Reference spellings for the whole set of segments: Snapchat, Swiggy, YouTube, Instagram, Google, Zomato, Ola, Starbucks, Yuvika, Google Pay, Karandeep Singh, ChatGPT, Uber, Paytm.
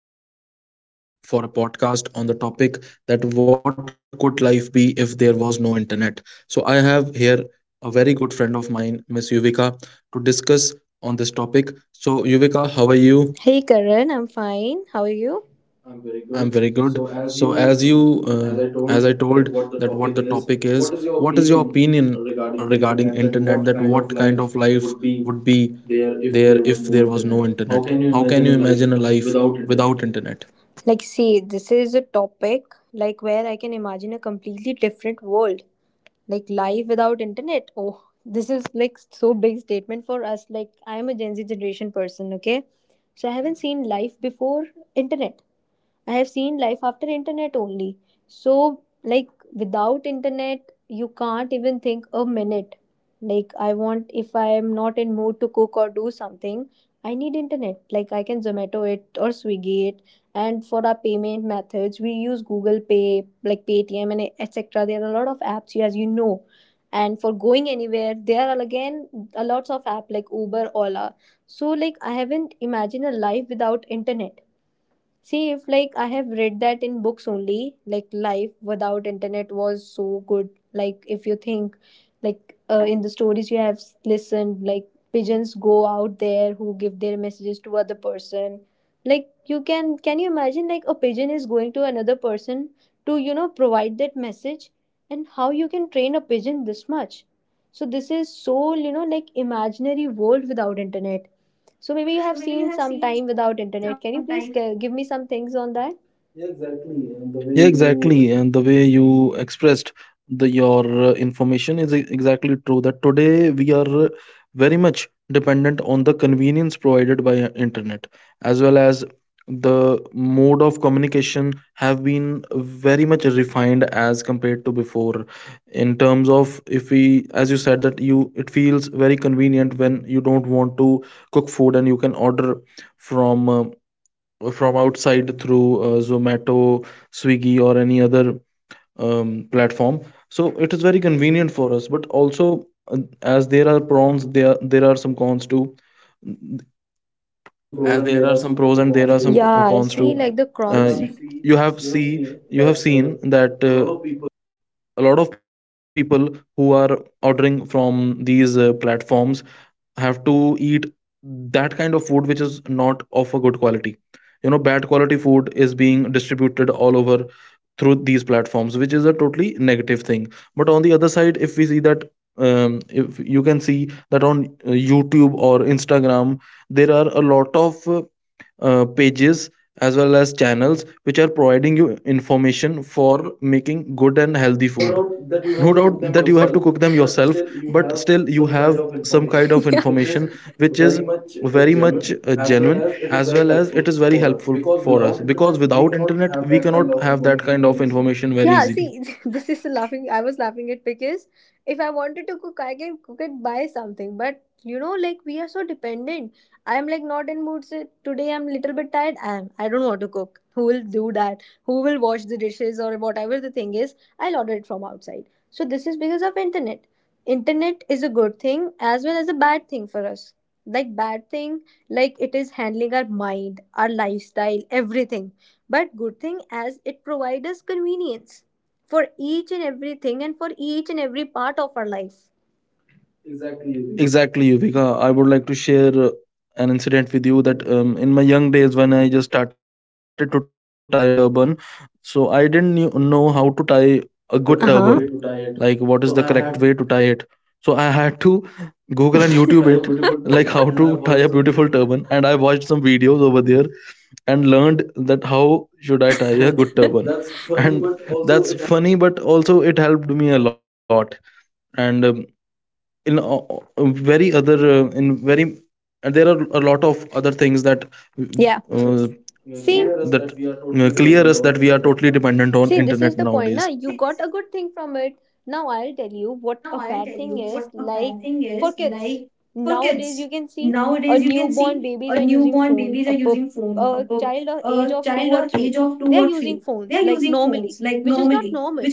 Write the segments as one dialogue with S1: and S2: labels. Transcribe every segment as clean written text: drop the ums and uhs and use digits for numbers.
S1: Karandeep Singh and today we are here for a podcast on the topic that what could life be if there was no internet. So I have here a very good friend of mine, Miss Yuvika, to discuss on this topic. So Yuvika, how are
S2: Hey
S1: you?
S2: Karan, I'm fine. How are you? I'm very good.
S1: I'm very
S2: So, as
S1: good.
S2: you,
S1: So as you
S2: uh, as I told,
S1: as I
S2: that what the
S1: told
S2: topic
S1: that
S2: is,
S1: what the
S2: what
S1: topic
S2: is your
S1: is, what
S2: opinion
S1: is your opinion
S2: regarding internet? That
S1: regarding
S2: what kind
S1: internet,
S2: of
S1: that
S2: life
S1: what kind of
S2: would be
S1: life would be
S2: there if there was
S1: there
S2: no
S1: if
S2: internet?
S1: there was
S2: How
S1: no
S2: can you
S1: internet?
S2: imagine a
S1: How can
S2: life
S1: you imagine a
S2: without
S1: life
S2: internet?
S1: without internet?
S2: Like, see, this is a topic like where I can imagine a completely different world, like life without internet. Oh, this is like so big statement for us. Like, I am a Gen Z generation person, okay? So I haven't seen life before internet. I have seen life after internet only. So, like, without internet, you can't even think a minute. Like, I want, if I am not in mood to cook or do something, I need internet. Like, I can Zomato it or Swiggy it. And for our payment methods, we use Google Pay, like Paytm and etc. There are a lot of apps, as you know. And for going anywhere, there are again a lots of app like Uber, Ola. So, like, I haven't imagined a life without internet. See, if like I have read that in books only, like life without internet was so good. Like if you think, like in the stories you have listened, like pigeons go out there who give their messages to other person. Like you can you imagine like a pigeon is going to another person to, you know, provide that message, and how you can train a pigeon this much? So this is so, you know, like imaginary world without internet. So maybe you have seen some time without internet. Can you please give me some things on that? Yeah, exactly.
S1: Yeah,
S2: And the way
S1: exactly. And the
S2: you
S1: way you expressed the your information is exactly true, that today we are very much dependent on the convenience provided by internet, as well as the mode of communication have been very much refined as compared to before. In terms of, if we, as you said, that you it feels very convenient when you don't want to cook food and you can order from uh, from outside through Zomato, Swiggy, or any other platform. So it is very convenient for us. But also, as there are pros, there are some cons too.
S2: there are some pros
S1: As
S2: and
S1: there
S2: there
S1: are
S2: are
S1: some
S2: some
S1: pros and there
S2: cons
S1: are
S2: too.
S1: some
S2: Yeah,
S1: cons
S2: see,
S1: too.
S2: like the you
S1: Uh,
S2: crons have seen
S1: you have
S2: you have
S1: see
S2: seen
S1: you
S2: that
S1: have seen that
S2: a lot of people.
S1: a lot of people who are ordering from these platforms have to eat that kind of food which is not of a good quality, you know, bad quality food is being distributed all over through these platforms, which is a totally negative thing. But on the other side, if we see that, if you can see that on youtube or instagram, there are a lot of pages as well as channels which are providing you information for making good and healthy
S2: No
S1: food.
S2: doubt that you
S1: No
S2: have to
S1: doubt
S2: cook them
S1: that you have to
S2: yourself,
S1: cook them
S2: but
S1: yourself,
S2: still you
S1: but
S2: have
S1: still you
S2: some kind
S1: have
S2: of
S1: some
S2: information
S1: kind of
S2: yeah, which is
S1: information which is
S2: very much
S1: very much
S2: genuine, as well
S1: genuine,
S2: as it is
S1: as
S2: very
S1: well as
S2: helpful
S1: it is very
S2: for us,
S1: helpful
S2: because
S1: for us,
S2: without
S1: because
S2: internet we
S1: without
S2: cannot
S1: internet
S2: have
S1: we
S2: that kind
S1: cannot
S2: of
S1: have that
S2: information
S1: kind of
S2: very easily.
S1: information very
S2: Yeah,
S1: easily.
S2: see, this is laughing. I was laughing at because if I wanted to cook, I can cook it by something, but you know, like we are so dependent. I'm like not in mood, so today I'm little bit tired. I don't want to cook. Who will do that? Who will wash the dishes or whatever the thing is? I'll order it from outside. So this is because of internet. Internet is a good thing as well as a bad thing for us. Like bad thing, like it is handling our mind, our lifestyle, everything. But good thing as it provides us convenience for each and everything and for each and every part of our life. Exactly.
S1: Exactly, Yuvika. I would like to share an incident with you that, in my young days when I just started to tie a turban, so I didn't knew, know how to tie a good turban,
S2: What is the correct,
S1: like
S2: uh-huh, way
S1: what is
S2: to
S1: the
S2: tie
S1: correct
S2: it?
S1: way to tie
S2: So I
S1: it.
S2: had,
S1: So I had to Google and YouTube
S2: how
S1: it,
S2: to tie
S1: like
S2: a
S1: how
S2: beautiful
S1: to tie a
S2: turban, and I
S1: beautiful
S2: watched
S1: turban,
S2: some,
S1: and I watched some videos over there and learned that how should I tie a good turban,
S2: and that's
S1: and
S2: funny, but
S1: that's
S2: also
S1: funny,
S2: it,
S1: but also it helped me a lot. And in very other in very and there are a lot of other things that uh,
S2: yeah. The
S1: that
S2: See, fear is that we are
S1: clear us
S2: totally
S1: that we are
S2: dependent on
S1: totally
S2: internet
S1: dependent on
S2: nowadays.
S1: internet
S2: See, this is the
S1: nowadays.
S2: point. Now you got a good thing from it. Now I'll tell you what a bad thing is. Like for kids nowadays, you can see a newborn babies are using phone. A pup, a child of age of two or three, they are using phones like normally, which is not normal.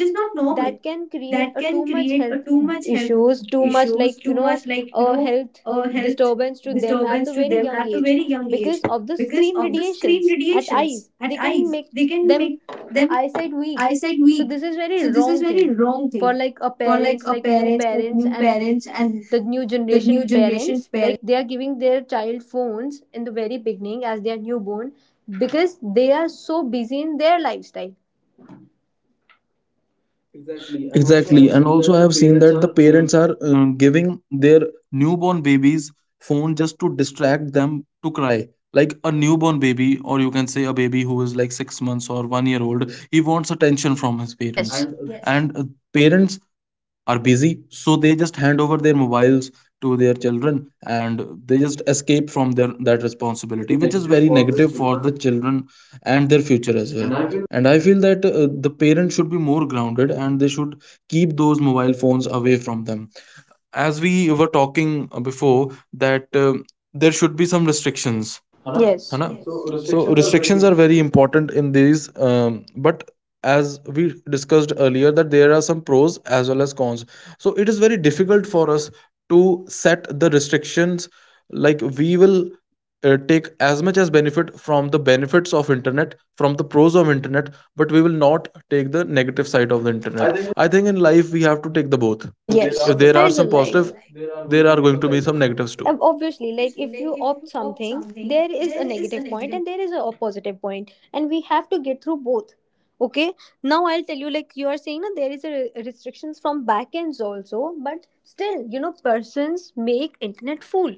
S2: That can create a too much health issues, too much like, you know, health disturbance to them at the very young age, because of the screen radiations at eyes they can make them eyesight weak. So this is very wrong thing for like a parents, like new parents, and the new generation parents, like they are giving their child phones in the very beginning as they are newborn because they are so busy in their lifestyle. Exactly, and also I have
S1: Exactly. And
S2: seen that
S1: also
S2: the
S1: I have seen
S2: parents
S1: that
S2: are
S1: the parents are giving their newborn babies phone just to distract them to cry. Like a newborn baby, or you can say a baby who is like 6 months or 1 year old, he wants attention from his
S2: yes,
S1: parents,
S2: and
S1: and parents are busy, so they just hand over their mobiles to their children, and they just escape from their that responsibility,
S2: very
S1: which is
S2: negative
S1: very
S2: for the
S1: negative for the
S2: children,
S1: children and their future as well.
S2: and I feel,
S1: And I feel that the parents should be more grounded and they should keep those mobile phones away from them. As we were talking before, that there should be some restrictions, है
S2: yes.
S1: ना?
S2: So
S1: So
S2: restrictions are very
S1: restrictions
S2: important.
S1: are very important in these but as we discussed earlier, that there are some pros as well as cons, so it is very difficult for us to set the restrictions. Like, we will take as much as benefit from the benefits of internet, from the pros of internet, but we will not take the negative side of the
S2: I
S1: internet.
S2: think,
S1: I think in life we have to take the both.
S2: yes, there
S1: If
S2: are some,
S1: there
S2: that
S1: are
S2: is a
S1: some
S2: positives, life,
S1: positive,
S2: there are going
S1: there
S2: to
S1: are
S2: be
S1: going
S2: some
S1: to be
S2: negatives
S1: some
S2: too.
S1: negatives too.
S2: Obviously, like if you opt something, there is a negative point and there is a positive point, and we have to get through both. Okay, now I'll tell you, like you are saying that there is a restrictions from back ends also, but still, you know, persons make internet fool.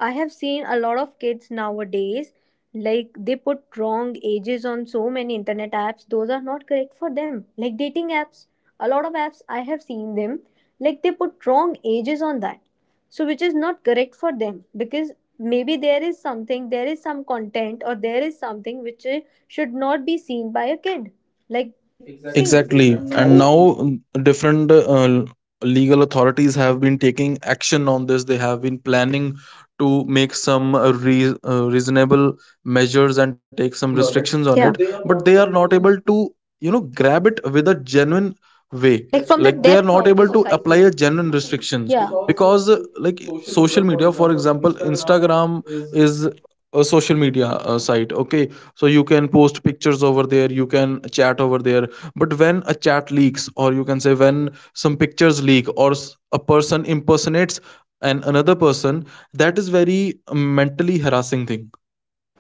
S2: I have seen a lot of kids nowadays, like they put wrong ages on so many internet apps. Those are not correct for them. Like dating apps, a lot of apps I have seen them, like they put wrong ages on that. So, which is not correct for them, because maybe there is something, there is some content, or there is something which, eh, should not be seen by a kid. Like, see. Exactly. See.
S1: Exactly.
S2: And
S1: And
S2: now
S1: now different legal authorities have been taking action on this. They have been planning to make some reasonable measures and take some
S2: restrictions on it.
S1: restrictions on
S2: So
S1: it,
S2: yeah, they are
S1: but they
S2: not
S1: are
S2: able
S1: not
S2: to,
S1: able to, you know, grab it with a genuine way.
S2: like, from the
S1: Like, they are
S2: depth
S1: not
S2: of the
S1: able to apply
S2: society.
S1: a genuine restrictions,
S2: Yeah, because
S1: because
S2: like
S1: like
S2: social media,
S1: social
S2: for
S1: media, for
S2: example,
S1: example,
S2: Instagram
S1: Instagram
S2: is.
S1: is a social media site. Okay, so you can post pictures over there, you can chat over there, but when a chat leaks, or you can say when some pictures leak, or a person impersonates an another person, that is very mentally harassing thing.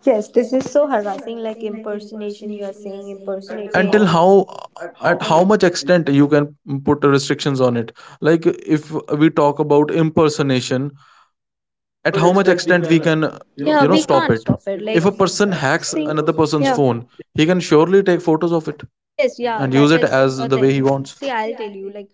S2: Yes, this is so harassing, like impersonation you are saying at impersonating.
S1: Until
S2: How at
S1: how,
S2: how
S1: at
S2: much
S1: how much
S2: extent,
S1: extent you can put restrictions on it? Like, if we talk about impersonation,
S2: how
S1: at
S2: much
S1: how much
S2: extent we
S1: extent
S2: can.
S1: we can,
S2: Yeah,
S1: you know,
S2: we
S1: stop
S2: can't
S1: it?
S2: stop it like,
S1: If a person hacks
S2: see.
S1: another person's
S2: Yeah.
S1: phone, he can surely take photos of it
S2: Yes, yeah,
S1: and
S2: that
S1: use it
S2: is a
S1: as the way
S2: thing.
S1: he wants.
S2: See, I'll tell you, like,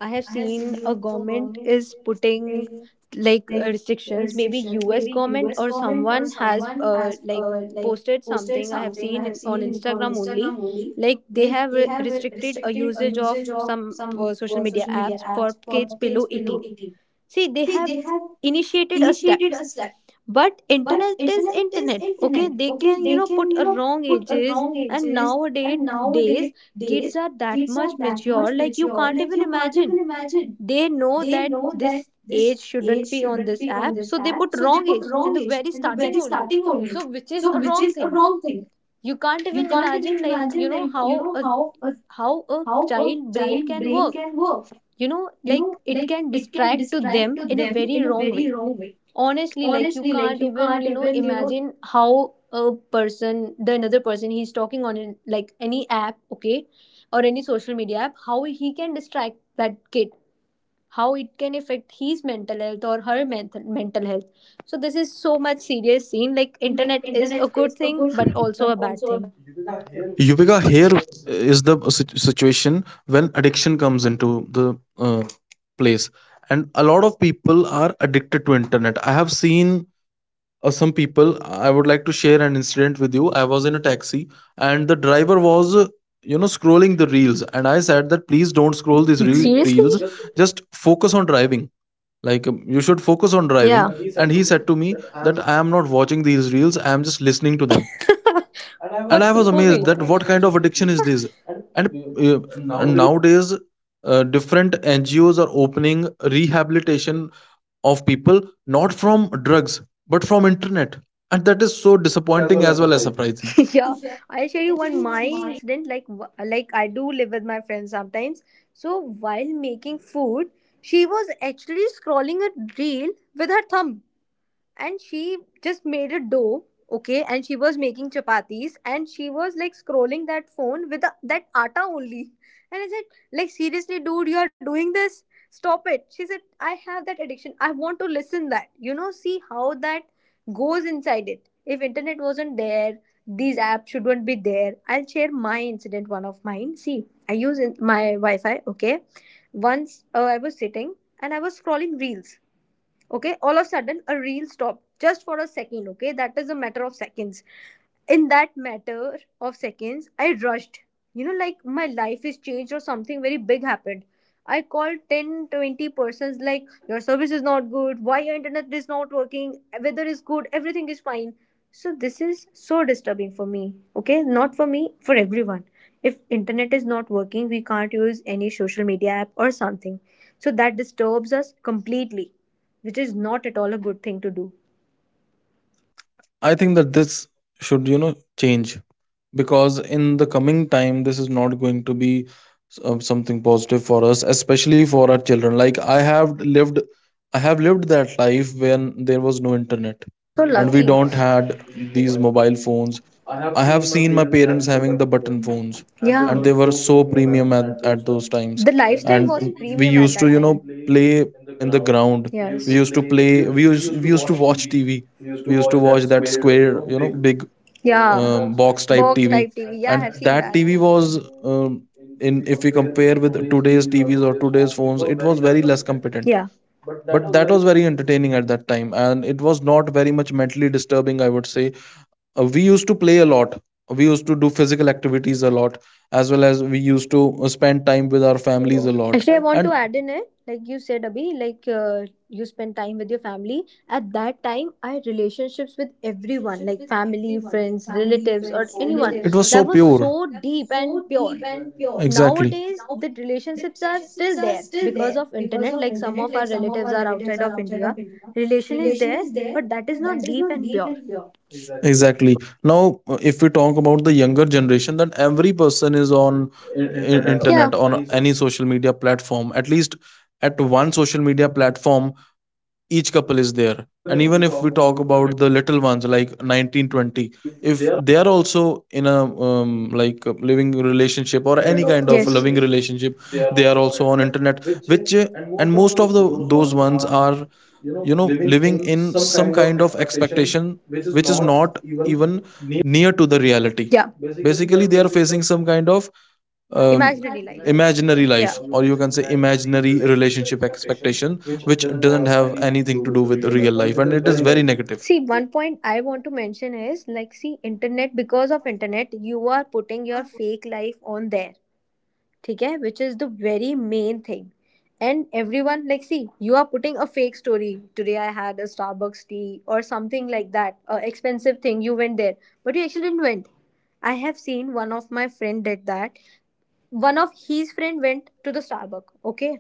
S2: I have seen a government is putting like restrictions. Maybe U.S. government or someone has like posted something. I have seen on Instagram only, like they have restricted a usage of some social media apps for kids below 18. See, they have initiated a step, but internet is internet, okay? They can, you know, put a wrong ages, and nowadays days kids are that much mature, like you can't even imagine. They know that this age shouldn't be on this app, so they put wrong age in the very starting only, so which is a wrong thing. You can't even imagine, like, you know, how a child brain can work. You know, like it can distract to them in a very wrong way. Honestly, like you can't even, you know, imagine how a person, the another person, he's talking on in, like any app, okay, or any social media app, how he can distract that kid, how it can affect his mental health or her mental health. So this is so much serious scene. Like internet is a good thing, but also a bad thing. Deepika, here
S1: Yuvika, here
S2: is
S1: the situation when addiction comes into the place, and a lot of people are addicted to internet. I have seen some people. I would like to share an incident with you. I was in a taxi, and the driver was, you know, scrolling the reels, and I said that please don't scroll these
S2: the, seriously,
S1: reels.
S2: just,
S1: Just focus on driving. Like, you should focus on driving.
S2: yeah, he
S1: And
S2: said to
S1: he said
S2: me
S1: to me
S2: that I am,
S1: that I am not watching these reels, I am just listening to them. And
S2: what's
S1: I
S2: the, like,
S1: was
S2: point?
S1: amazed
S2: What
S1: that
S2: kind of
S1: what kind of
S2: addiction is
S1: addiction is this.
S2: this? And
S1: and, uh, and
S2: nowadays,
S1: nowadays different ngos are opening rehabilitation of people not from drugs but from internet, and that is so
S2: thing as well
S1: disappointing
S2: as
S1: as well as
S2: surprising.
S1: surprising.
S2: Yeah, I'll share you one my incident, like like I do live with my friends sometimes. So while making food, she was actually scrolling a reel with her thumb, and she just made a dough, okay, and she was making chapatis, and she was like scrolling that phone with the, that atta only, and I said like, seriously, dude, you are doing this, stop it. She said I have that addiction. I want to listen that, you know, see how that goes inside it. If internet wasn't there, these apps shouldn't be there. I'll share my incident, one of mine. See, I use in my wi-fi, okay? Once I was sitting, and I was scrolling reels, okay? All of a sudden, a reel stopped just for a second, okay? That is a matter of seconds. In that matter of seconds, I rushed, you know, like my life is changed or something very big happened. I called 10, 20 persons like, your service is not good, why your internet is not working. Weather is good, everything is fine. So this is so disturbing for me. Okay, not for me, for everyone. If internet is not working, we can't use any social media app or something, so that disturbs us completely, which is not at all a good thing to do.
S1: I think that this should, you know, change, because in the coming time this is not going to be something positive for us, especially for our children. Like, I have lived that life when there was no internet
S2: You're so we don't
S1: and we
S2: lucky.
S1: don't
S2: Have
S1: had
S2: these
S1: these
S2: mobile
S1: mobile
S2: phones.
S1: phones.
S2: I have
S1: I have
S2: seen my
S1: seen my
S2: parents having
S1: parents
S2: the
S1: having the
S2: button
S1: button
S2: phones, and
S1: phones,
S2: yeah, they,
S1: and
S2: yeah,
S1: they
S2: were so
S1: were so
S2: premium
S1: premium
S2: at those
S1: at those
S2: times.
S1: times.
S2: The, and lifestyle
S1: And
S2: was, we used
S1: we
S2: premium to, at, you
S1: used
S2: know,
S1: to,
S2: that
S1: you
S2: know,
S1: know,
S2: time,
S1: play
S2: play in the
S1: in the
S2: ground.
S1: ground.
S2: We used, yes,
S1: We
S2: to, yes,
S1: used to
S2: play. We
S1: play,
S2: used, we used
S1: we
S2: to
S1: used to
S2: watch
S1: watch
S2: TV.
S1: tv.
S2: We used
S1: We
S2: to
S1: used to
S2: watch
S1: watch
S2: that
S1: that
S2: square, you know,
S1: square, you know,
S2: big,
S1: big
S2: yeah,
S1: um,
S2: box type
S1: box
S2: TV.
S1: type
S2: Box
S1: tv.
S2: type TV. And yeah, I
S1: And
S2: have that seen TV
S1: that
S2: that,
S1: tv
S2: was,
S1: was, um,
S2: uh, in, if
S1: in,
S2: we
S1: if we
S2: compare with
S1: compare with
S2: today's
S1: today's
S2: TVs or
S1: tvs or
S2: today's
S1: today's
S2: phones, it
S1: phones,
S2: was
S1: it was
S2: very less
S1: very less
S2: competent.
S1: competent.
S2: Yeah. But that
S1: But
S2: was
S1: that
S2: very,
S1: was very entertaining at that time, and it was not very much mentally disturbing, I would say. We used to play a lot, we used to do physical activities a lot, as well as we used to spend time with our
S2: praise the
S1: families a
S2: Lord.
S1: lot.
S2: Actually, I want
S1: And
S2: to add in it, like you said, Abhi, like you spend time with your family. At that time, I had relationships with everyone, like family, friends, relatives, or
S1: it
S2: so
S1: was so
S2: anyone, deep.
S1: pure.
S2: That was so deep and pure. Exactly.
S1: Exactly.
S2: Nowadays, the relationships are still there because of internet. Like, some of our relatives are outside of India. Relation is there, but that is not deep and pure. Exactly.
S1: Exactly. Now, if we talk about the younger generation, that every person is on i-
S2: Internet or,
S1: internet
S2: yeah,
S1: on
S2: any social.
S1: any social media platform. At least at one social media platform, each couple is there.
S2: Yeah. Even
S1: And
S2: if
S1: even
S2: we
S1: if we
S2: talk
S1: talk
S2: about the,
S1: about the little ones, like 19, 20,
S2: if they
S1: if they are also in a um, like a living relationship
S2: any
S1: or
S2: kind
S1: any
S2: of,
S1: kind of
S2: yes,
S1: loving
S2: relationship,
S1: relationship,
S2: they are
S1: they are
S2: also on
S1: also on
S2: internet,
S1: internet.
S2: which
S1: Which
S2: and
S1: and
S2: most of
S1: most
S2: the,
S1: of the
S2: those
S1: those
S2: ones
S1: ones
S2: are,
S1: are,
S2: you know,
S1: you know,
S2: living in
S1: living in
S2: some
S1: some
S2: kind of
S1: kind of
S2: expectation
S1: expectation
S2: which is
S1: which is
S2: not
S1: not
S2: even
S1: even
S2: near.
S1: near to the reality.
S2: Yeah, basically they are
S1: Basically they are
S2: facing some
S1: facing some kind of um,
S2: imaginary life. Imaginary life,
S1: imaginary
S2: yeah, or
S1: life,
S2: you
S1: or
S2: can
S1: you
S2: say
S1: can say
S2: imaginary
S1: imaginary
S2: relationship
S1: relationship
S2: expectation
S1: expectation,
S2: which
S1: which
S2: doesn't
S1: doesn't
S2: have
S1: have
S2: anything to do
S1: anything to
S2: with
S1: do with
S2: real life
S1: real
S2: and
S1: life,
S2: it
S1: and
S2: is
S1: it
S2: very
S1: is very
S2: negative.
S1: negative.
S2: See, one point I want to mention is like, see, internet, because of internet, you are putting your fake life on there. ठीक है, which is the very main thing. And everyone, like, see, you are putting a fake story. Today I had a Starbucks tea or something like that, a expensive thing, you went there, but you actually didn't went. I have seen one of my friend did that. One of his friend went to the Starbucks, okay,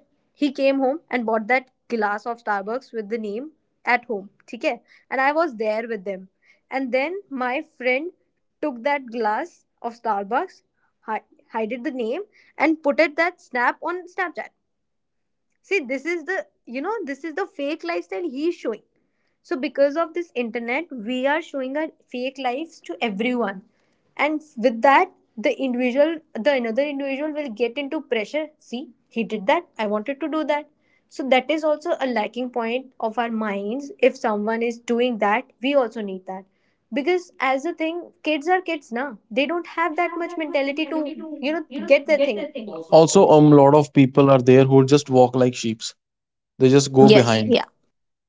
S2: he came home and bought that glass of Starbucks with the name at home, okay, and I was there with them. And then my friend took that glass of Starbucks, hi- hided the name and put it that snap on Snapchat. See, this is the, you know, this is the fake lifestyle he's showing. So because of this internet, we are showing our fake lives to everyone. And with that, the individual, the another individual will get into pressure. See, he did that. I wanted to do that. So that is also a lacking point of our minds. If someone is doing that, we also need that. Because as a thing, kids are kids now. They don't have that much mentality to, you know, get their thing. Also,
S1: Also a lot of people are there who just walk like sheep, they just
S2: behind.
S1: go
S2: Yes,
S1: behind,
S2: yeah.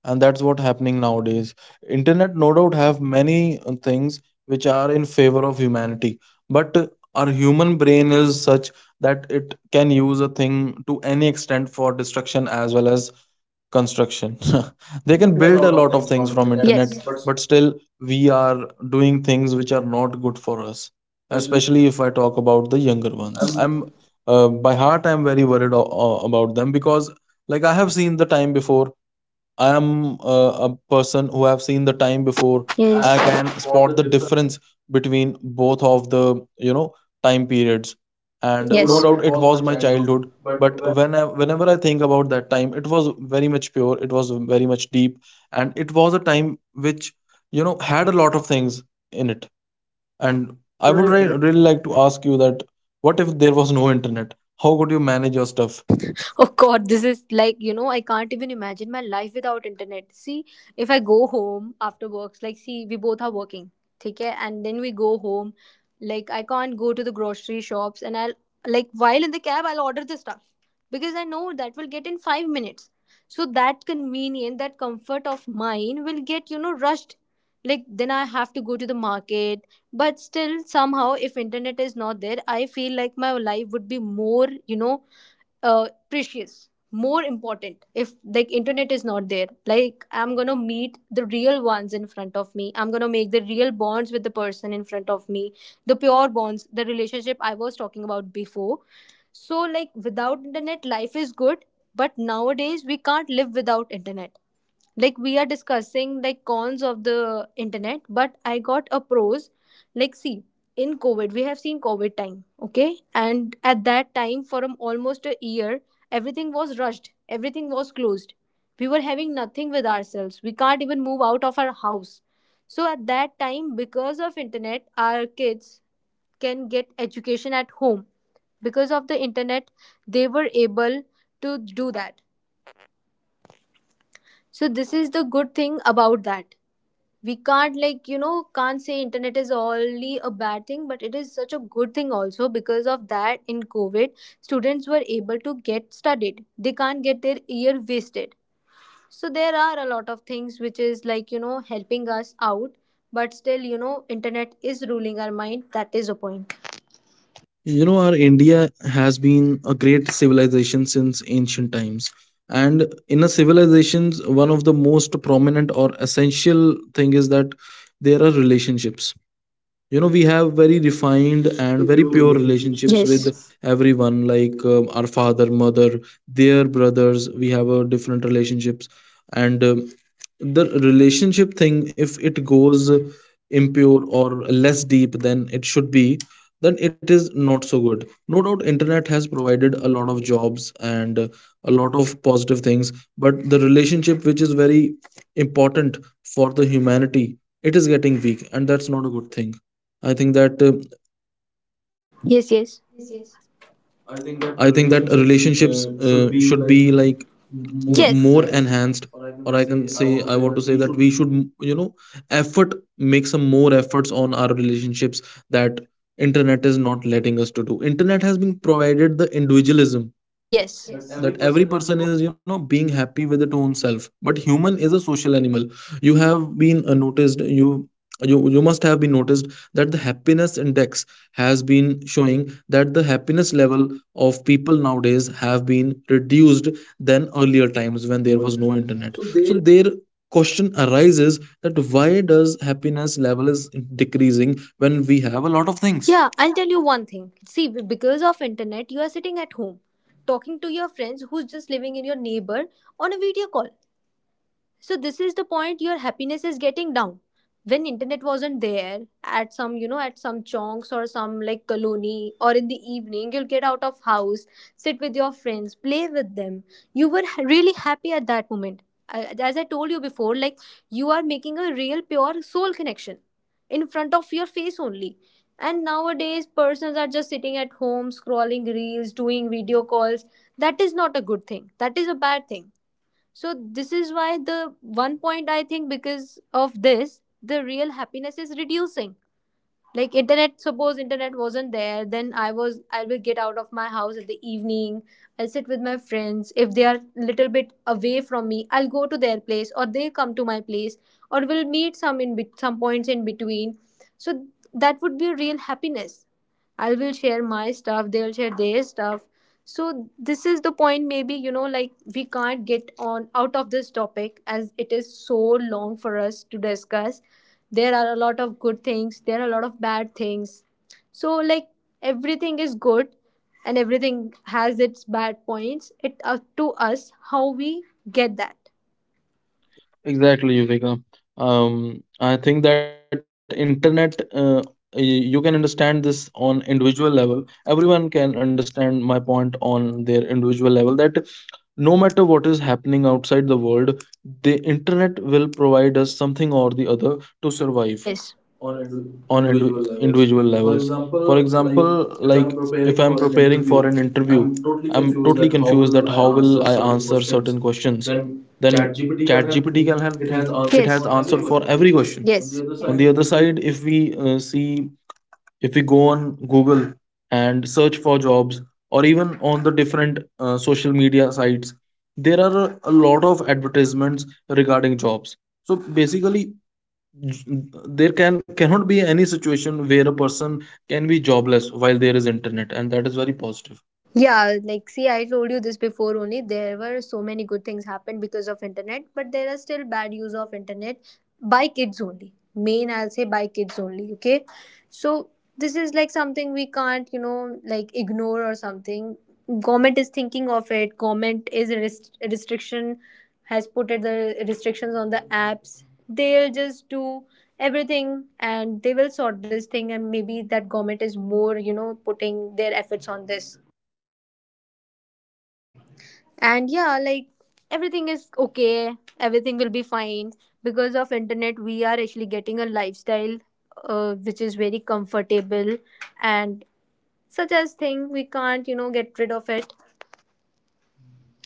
S1: and that's what happening nowadays. Internet, no doubt, have many things which are in favor of humanity, but our human brain is such that it can use a thing to any extent for destruction as well as construction. They can
S2: Build a
S1: build
S2: lot
S1: a
S2: of
S1: lot of
S2: things
S1: things
S2: from
S1: from
S2: internet.
S1: internet,
S2: Yes. But
S1: but still we are doing things which are not good for us,
S2: especially,
S1: especially if I talk about the younger ones.
S2: I'm,
S1: I'm By heart, I'm very worried about them, because like I have seen the time before. I am a person who have seen the time before.
S2: yes.
S1: I
S2: And
S1: can
S2: for the
S1: spot the
S2: different,
S1: difference between both of the, you know, time periods.
S2: and no,
S1: And
S2: yes,
S1: no
S2: no doubt it
S1: doubt it
S2: was my
S1: was my
S2: childhood
S1: childhood,
S2: but
S1: but
S2: when
S1: whenever I think about that time, it was very much pure, it was very much deep, and it was a time which, you know, had a lot of things in it. And
S2: I
S1: I would
S2: would.
S1: really like to ask you that, what if there was no internet? How could you manage your stuff?
S2: Oh God, this is like, you know, I can't even imagine my life without internet. See, if I go home after works, like, see, we both are working, okay? And then we go home, like, I can't go to the grocery shops and I'll, like, while in the cab, I'll order the stuff because I know that will get in 5 minutes. So that convenience, that comfort of mine will get, you know, rushed. Like, then I have to go to the market. But still, somehow, if internet is not there, I feel like my life would be more, you know, precious, more important. If like internet is not there, like, I'm gonna meet the real ones in front of me, I'm gonna make the real bonds with the person in front of me, the pure bonds, the relationship I was talking about before. So like, without internet, life is good, but nowadays we can't live without internet. Like, we are discussing like cons of the internet, but I got a pros. Like, see, in COVID, we have seen COVID time, okay, and at that time for almost a year, everything was rushed, everything was closed. We were having nothing with ourselves, we can't even move out of our house. So at that time, because of internet, our kids can get education at home. Because of the internet, they were able to do that. So this is the good thing about that. We can't, like, you know, can't say internet is only a bad thing, but it is such a good thing also, because of that in COVID, students were able to get studied, they can't get their year wasted. So there are a lot of things which is, like, you know, helping us out, but still, you know, internet is ruling our mind. That is a point.
S1: You know, our India has been a great civilization since ancient times. And in a civilization, one of the most prominent or essential thing is that there are relationships. You know, we have very refined and
S2: Very
S1: very
S2: pure
S1: pure
S2: relationships with,
S1: relationships with
S2: yes.
S1: everyone, like our father, mother, their brothers, we have a different relationships. And The relationship thing, if it goes impure or less deep than it should be, then it is not so good. No doubt internet has provided a lot of jobs and a lot of positive things, but the relationship which is very important for the humanity, it is getting weak, and that's not a good thing. I think that uh,
S2: Yes, yes, I
S1: I
S2: think that
S1: think that
S2: relationships
S1: relationships
S2: should
S1: should
S2: be
S1: be
S2: like
S1: like
S2: more,
S1: more
S2: yes, enhanced,
S1: enhanced,
S2: or
S1: or
S2: I
S1: I
S2: can
S1: can say,
S2: say
S1: I
S2: I
S1: want
S2: want
S1: to
S2: to
S1: say
S2: say
S1: that
S2: that
S1: we
S2: we
S1: should
S2: should,
S1: effort make some more efforts on our relationships that internet is not letting us to do. Internet has been provided the individualism
S2: yes,
S1: that
S2: that
S1: every
S2: every
S1: person
S2: person
S1: is, you
S2: is,
S1: know,
S2: you know,
S1: being happy with its own self, but human is a social animal. You have been noticed, you must have been noticed that the happiness index has been showing that the happiness level of people nowadays have been reduced than earlier times when there
S2: there
S1: was
S2: was
S1: no
S2: no
S1: internet.
S2: internet.
S1: So
S2: So
S1: their
S2: there,
S1: question arises that why does happiness level is decreasing when we have a lot of things.
S2: yeah, I'll tell you one thing. See, because of internet, you are sitting at home talking to your friends who's just living in your neighbor on a video call. So this is the point, your happiness is getting down. When internet wasn't there, at some, you know, at some chonks or some like colony or in the evening, you'll get out of house, sit with your friends, play with them, you were really happy at that moment. As I told you before, like, you are making a real pure soul connection in front of your face only. And nowadays persons are just sitting at home scrolling reels, doing video calls. That is not a good thing, that is a bad thing. So this is why the one point I think, because of this, the real happiness is reducing. Like, internet, suppose internet wasn't there, then I will get out of my house at the evening. I'll sit with my friends. If they are little bit away from me, I'll go to their place or they come to my place, or we'll meet some some points in between. So that would be a real happiness. I will share my stuff, they'll share their stuff. So this is the point, maybe, you know, like, we can't get on out of this topic as it is so long for us to discuss. There are a lot of good things, there are a lot of bad things. So like, everything is good, and everything has its bad points. It up to us how we get that.
S1: Exactly, Yuvika. I think that internet, you can understand this on individual level. Everyone can understand my point on their individual level that no matter what is happening outside the world, the internet will provide us something or the other to survive
S2: Yes. On
S1: on
S2: individual levels.
S1: individual
S2: For
S1: levels. For
S2: example, like,
S1: example,
S2: if I'm
S1: like if
S2: preparing
S1: I'm
S2: for an
S1: preparing for
S2: interview,
S1: an interview,
S2: I'm totally
S1: I'm
S2: confused that
S1: totally
S2: how
S1: confused
S2: will
S1: that
S2: I
S1: how
S2: answer
S1: will I
S2: certain
S1: answer
S2: questions.
S1: certain questions.
S2: Then
S1: Then
S2: ChatGPT can help
S1: ChatGPT
S2: me.
S1: can
S2: It
S1: me.
S2: has answers,
S1: It
S2: yes,
S1: has
S2: for
S1: answer
S2: everyone.
S1: for every
S2: On,
S1: question.
S2: yes. On the other
S1: On
S2: side,
S1: the other
S2: if we,
S1: side, if we see, if we go on Google and search for jobs, or even on the different social media sites, there are a lot of advertisements regarding jobs. So basically, j- there cannot be any situation where a person can be jobless while there is internet, and that is very positive.
S2: yeah, like, see, I told you this before only. There were so many good things happened because of internet, but there are still bad use of internet by kids only. Main, I'll say by kids only. Okay, so this is like something we can't, you know, like, ignore or something. Government is thinking of it. Government is a a restriction has put it the restrictions on the apps. They'll just do everything and they will sort this thing, and maybe that government is more, you know, putting their efforts on this. And yeah, like, everything is okay, everything will be fine. Because of internet we are actually getting a lifestyle, which is very comfortable, and such as thing we can't, you know, get rid of it.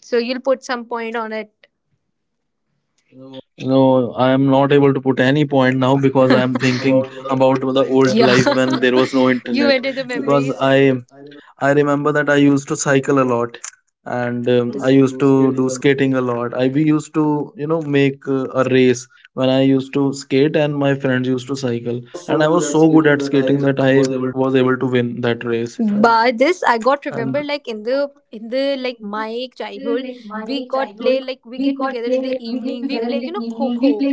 S2: So you'll put some point on it. No.
S1: No, I am not able to put any point now because I am thinking
S2: About the
S1: about
S2: old
S1: the
S2: life, that
S1: old life when
S2: yeah,
S1: there
S2: we
S1: was no
S2: you
S1: internet.
S2: enter the
S1: Because
S2: memories.
S1: I
S2: I remember
S1: I remember that I used to cycle a lot, and
S2: that used, that is
S1: I
S2: to
S1: used
S2: do
S1: to
S2: skating
S1: do
S2: a lot,
S1: skating a lot. I we used to, you know, make a race when I used to skate, and my friends used to
S2: and
S1: cycle,
S2: I was so
S1: and I
S2: good
S1: was
S2: at
S1: so good
S2: skating
S1: at
S2: that I
S1: skating that I
S2: was able.
S1: was able to win that race.
S2: By this,
S1: And
S2: I got remember like in the like my childhood, we got play, like, we get together in the evening. We play, you know, kho kho.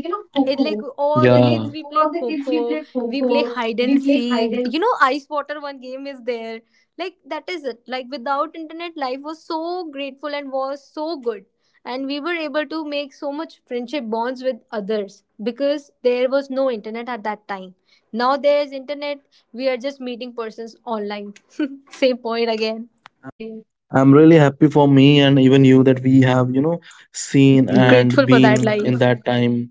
S2: It like all
S1: yeah.
S2: the kids we play kho kho. We play hide and seek. You know, ice water, one game is there. Like that is it. Like without internet, life was so grateful and was so good. And we were able to make so much friendship bonds with others because there was no internet at that time. Now there is internet, we are just meeting persons online. Same point again.
S1: I'm really happy for me and even you that we have, you know, seen
S2: And we
S1: and
S2: grateful for
S1: been
S2: that
S1: in
S2: life.
S1: that time.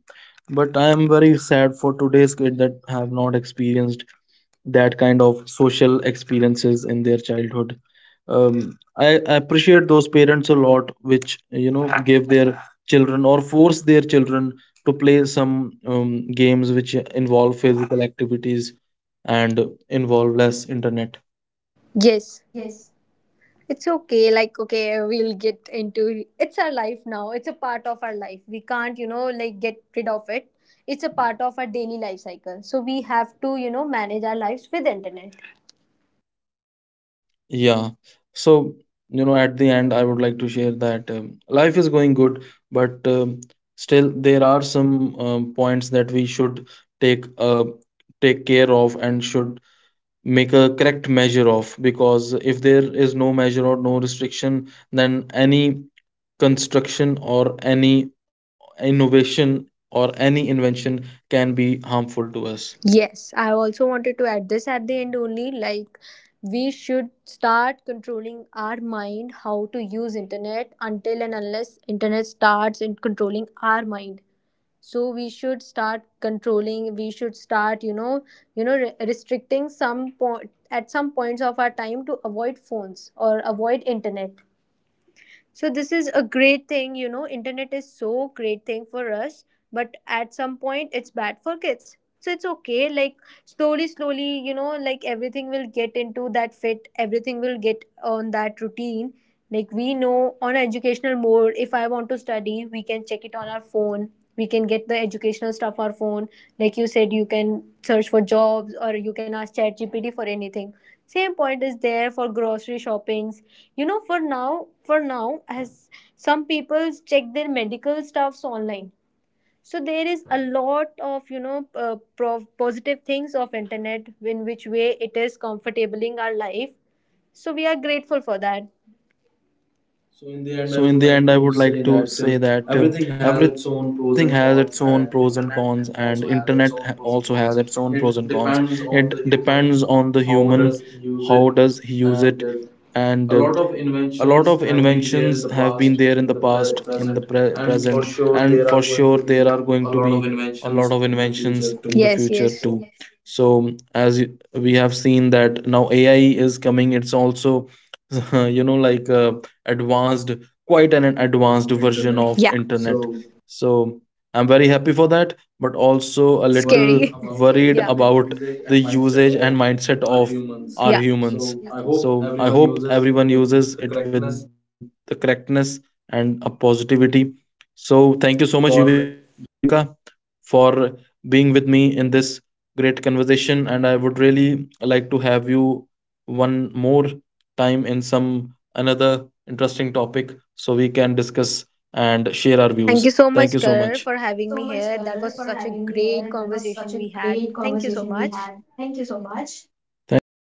S1: But I am very sad for today's kid that have not experienced that kind of social experiences in their childhood. Um, I appreciate those parents a lot, which, you know, give their children or force their children to play some games which involve physical activities and involve less internet.
S2: Yes. It's okay. Like, okay, we'll get into, it's our life now. It's a part of our life. We can't, you know, like, get rid of it. It's a part of our daily life cycle. So we have to, you know, manage our lives with internet.
S1: Yeah. So, you know, at the end, I would like to share that life is going good, but still there are some points that we should take take care of and should make a correct measure of, because if there is no measure or no restriction, then any construction or any innovation or any invention can be harmful to us.
S2: Yes, I also wanted to add this at the end only, like, we should start controlling our mind how to use internet until and unless internet starts in controlling our mind. So we should start controlling, we should start, you know, restricting some point at some points of our time to avoid phones or avoid internet. So this is a great thing, you know, internet is so great thing for us, but at some point it's bad for kids. So it's okay, like, slowly slowly, you know, like, everything will get into that fit, everything will get on that routine. Like, we know, on educational mode, if I want to study, we can check it on our phone, we can get the educational stuff on our phone. Like you said, you can search for jobs or you can ask ChatGPT for anything. Same point is there for grocery shoppings, you know, for now, as some people check their medical stuffs online. So there is a lot of, you know, positive things of internet in which way it is comfortabling our life. So we are grateful for that. So in the end, I would
S1: So, in
S2: like
S1: the
S2: to
S1: end, I would
S2: say
S1: like
S2: that
S1: to say that
S2: everything has its
S1: everything
S2: own
S1: has
S2: pros and
S1: its own
S2: cons,
S1: pros and
S2: and
S1: cons,
S2: internet
S1: and
S2: also
S1: internet
S2: has its own
S1: also
S2: pros
S1: has
S2: and
S1: its
S2: cons.
S1: own pros and
S2: It
S1: cons.
S2: depends
S1: It
S2: on the
S1: depends
S2: human,
S1: on the
S2: how
S1: human,
S2: does he
S1: how
S2: use it,
S1: does he use it,
S2: and
S1: and
S2: a lot of
S1: a lot of
S2: inventions have been there
S1: inventions
S2: in the
S1: have been
S2: past,
S1: there in the
S2: in the
S1: past, in the
S2: present, and for
S1: present,
S2: sure
S1: and
S2: there
S1: for
S2: are going
S1: sure
S2: to
S1: there
S2: be
S1: are going
S2: a
S1: to
S2: lot
S1: be
S2: of
S1: a lot
S2: inventions
S1: of
S2: in the
S1: inventions
S2: future too.
S1: in the
S2: Yes,
S1: future
S2: yes. So
S1: too. So, as we have seen that now AI is coming, it's also you know, like, advanced, quite an advanced
S2: of
S1: version
S2: internet.
S1: of
S2: Yeah.
S1: internet.
S2: So
S1: So I'm very happy for that, but also a little
S2: scary, worried about
S1: worried
S2: yeah, the
S1: about
S2: usage
S1: the
S2: and mindset
S1: usage and
S2: of
S1: mindset
S2: our
S1: of
S2: humans.
S1: our
S2: Yeah.
S1: humans.
S2: So I
S1: So
S2: hope
S1: I
S2: everyone
S1: hope
S2: uses it
S1: everyone
S2: with
S1: uses
S2: the
S1: it with
S2: correctness
S1: the correctness and a positivity. So thank you so much, Yuvika,
S2: for.
S1: for being with me in this great conversation. And I would really like to have you one more time in some another interesting topic so we can discuss and share our views. Thank you
S2: Thank you
S1: so
S2: so
S1: much.
S2: much, Karar, for having me here. That was such a great conversation we had. Thank you so much.
S1: Thank you.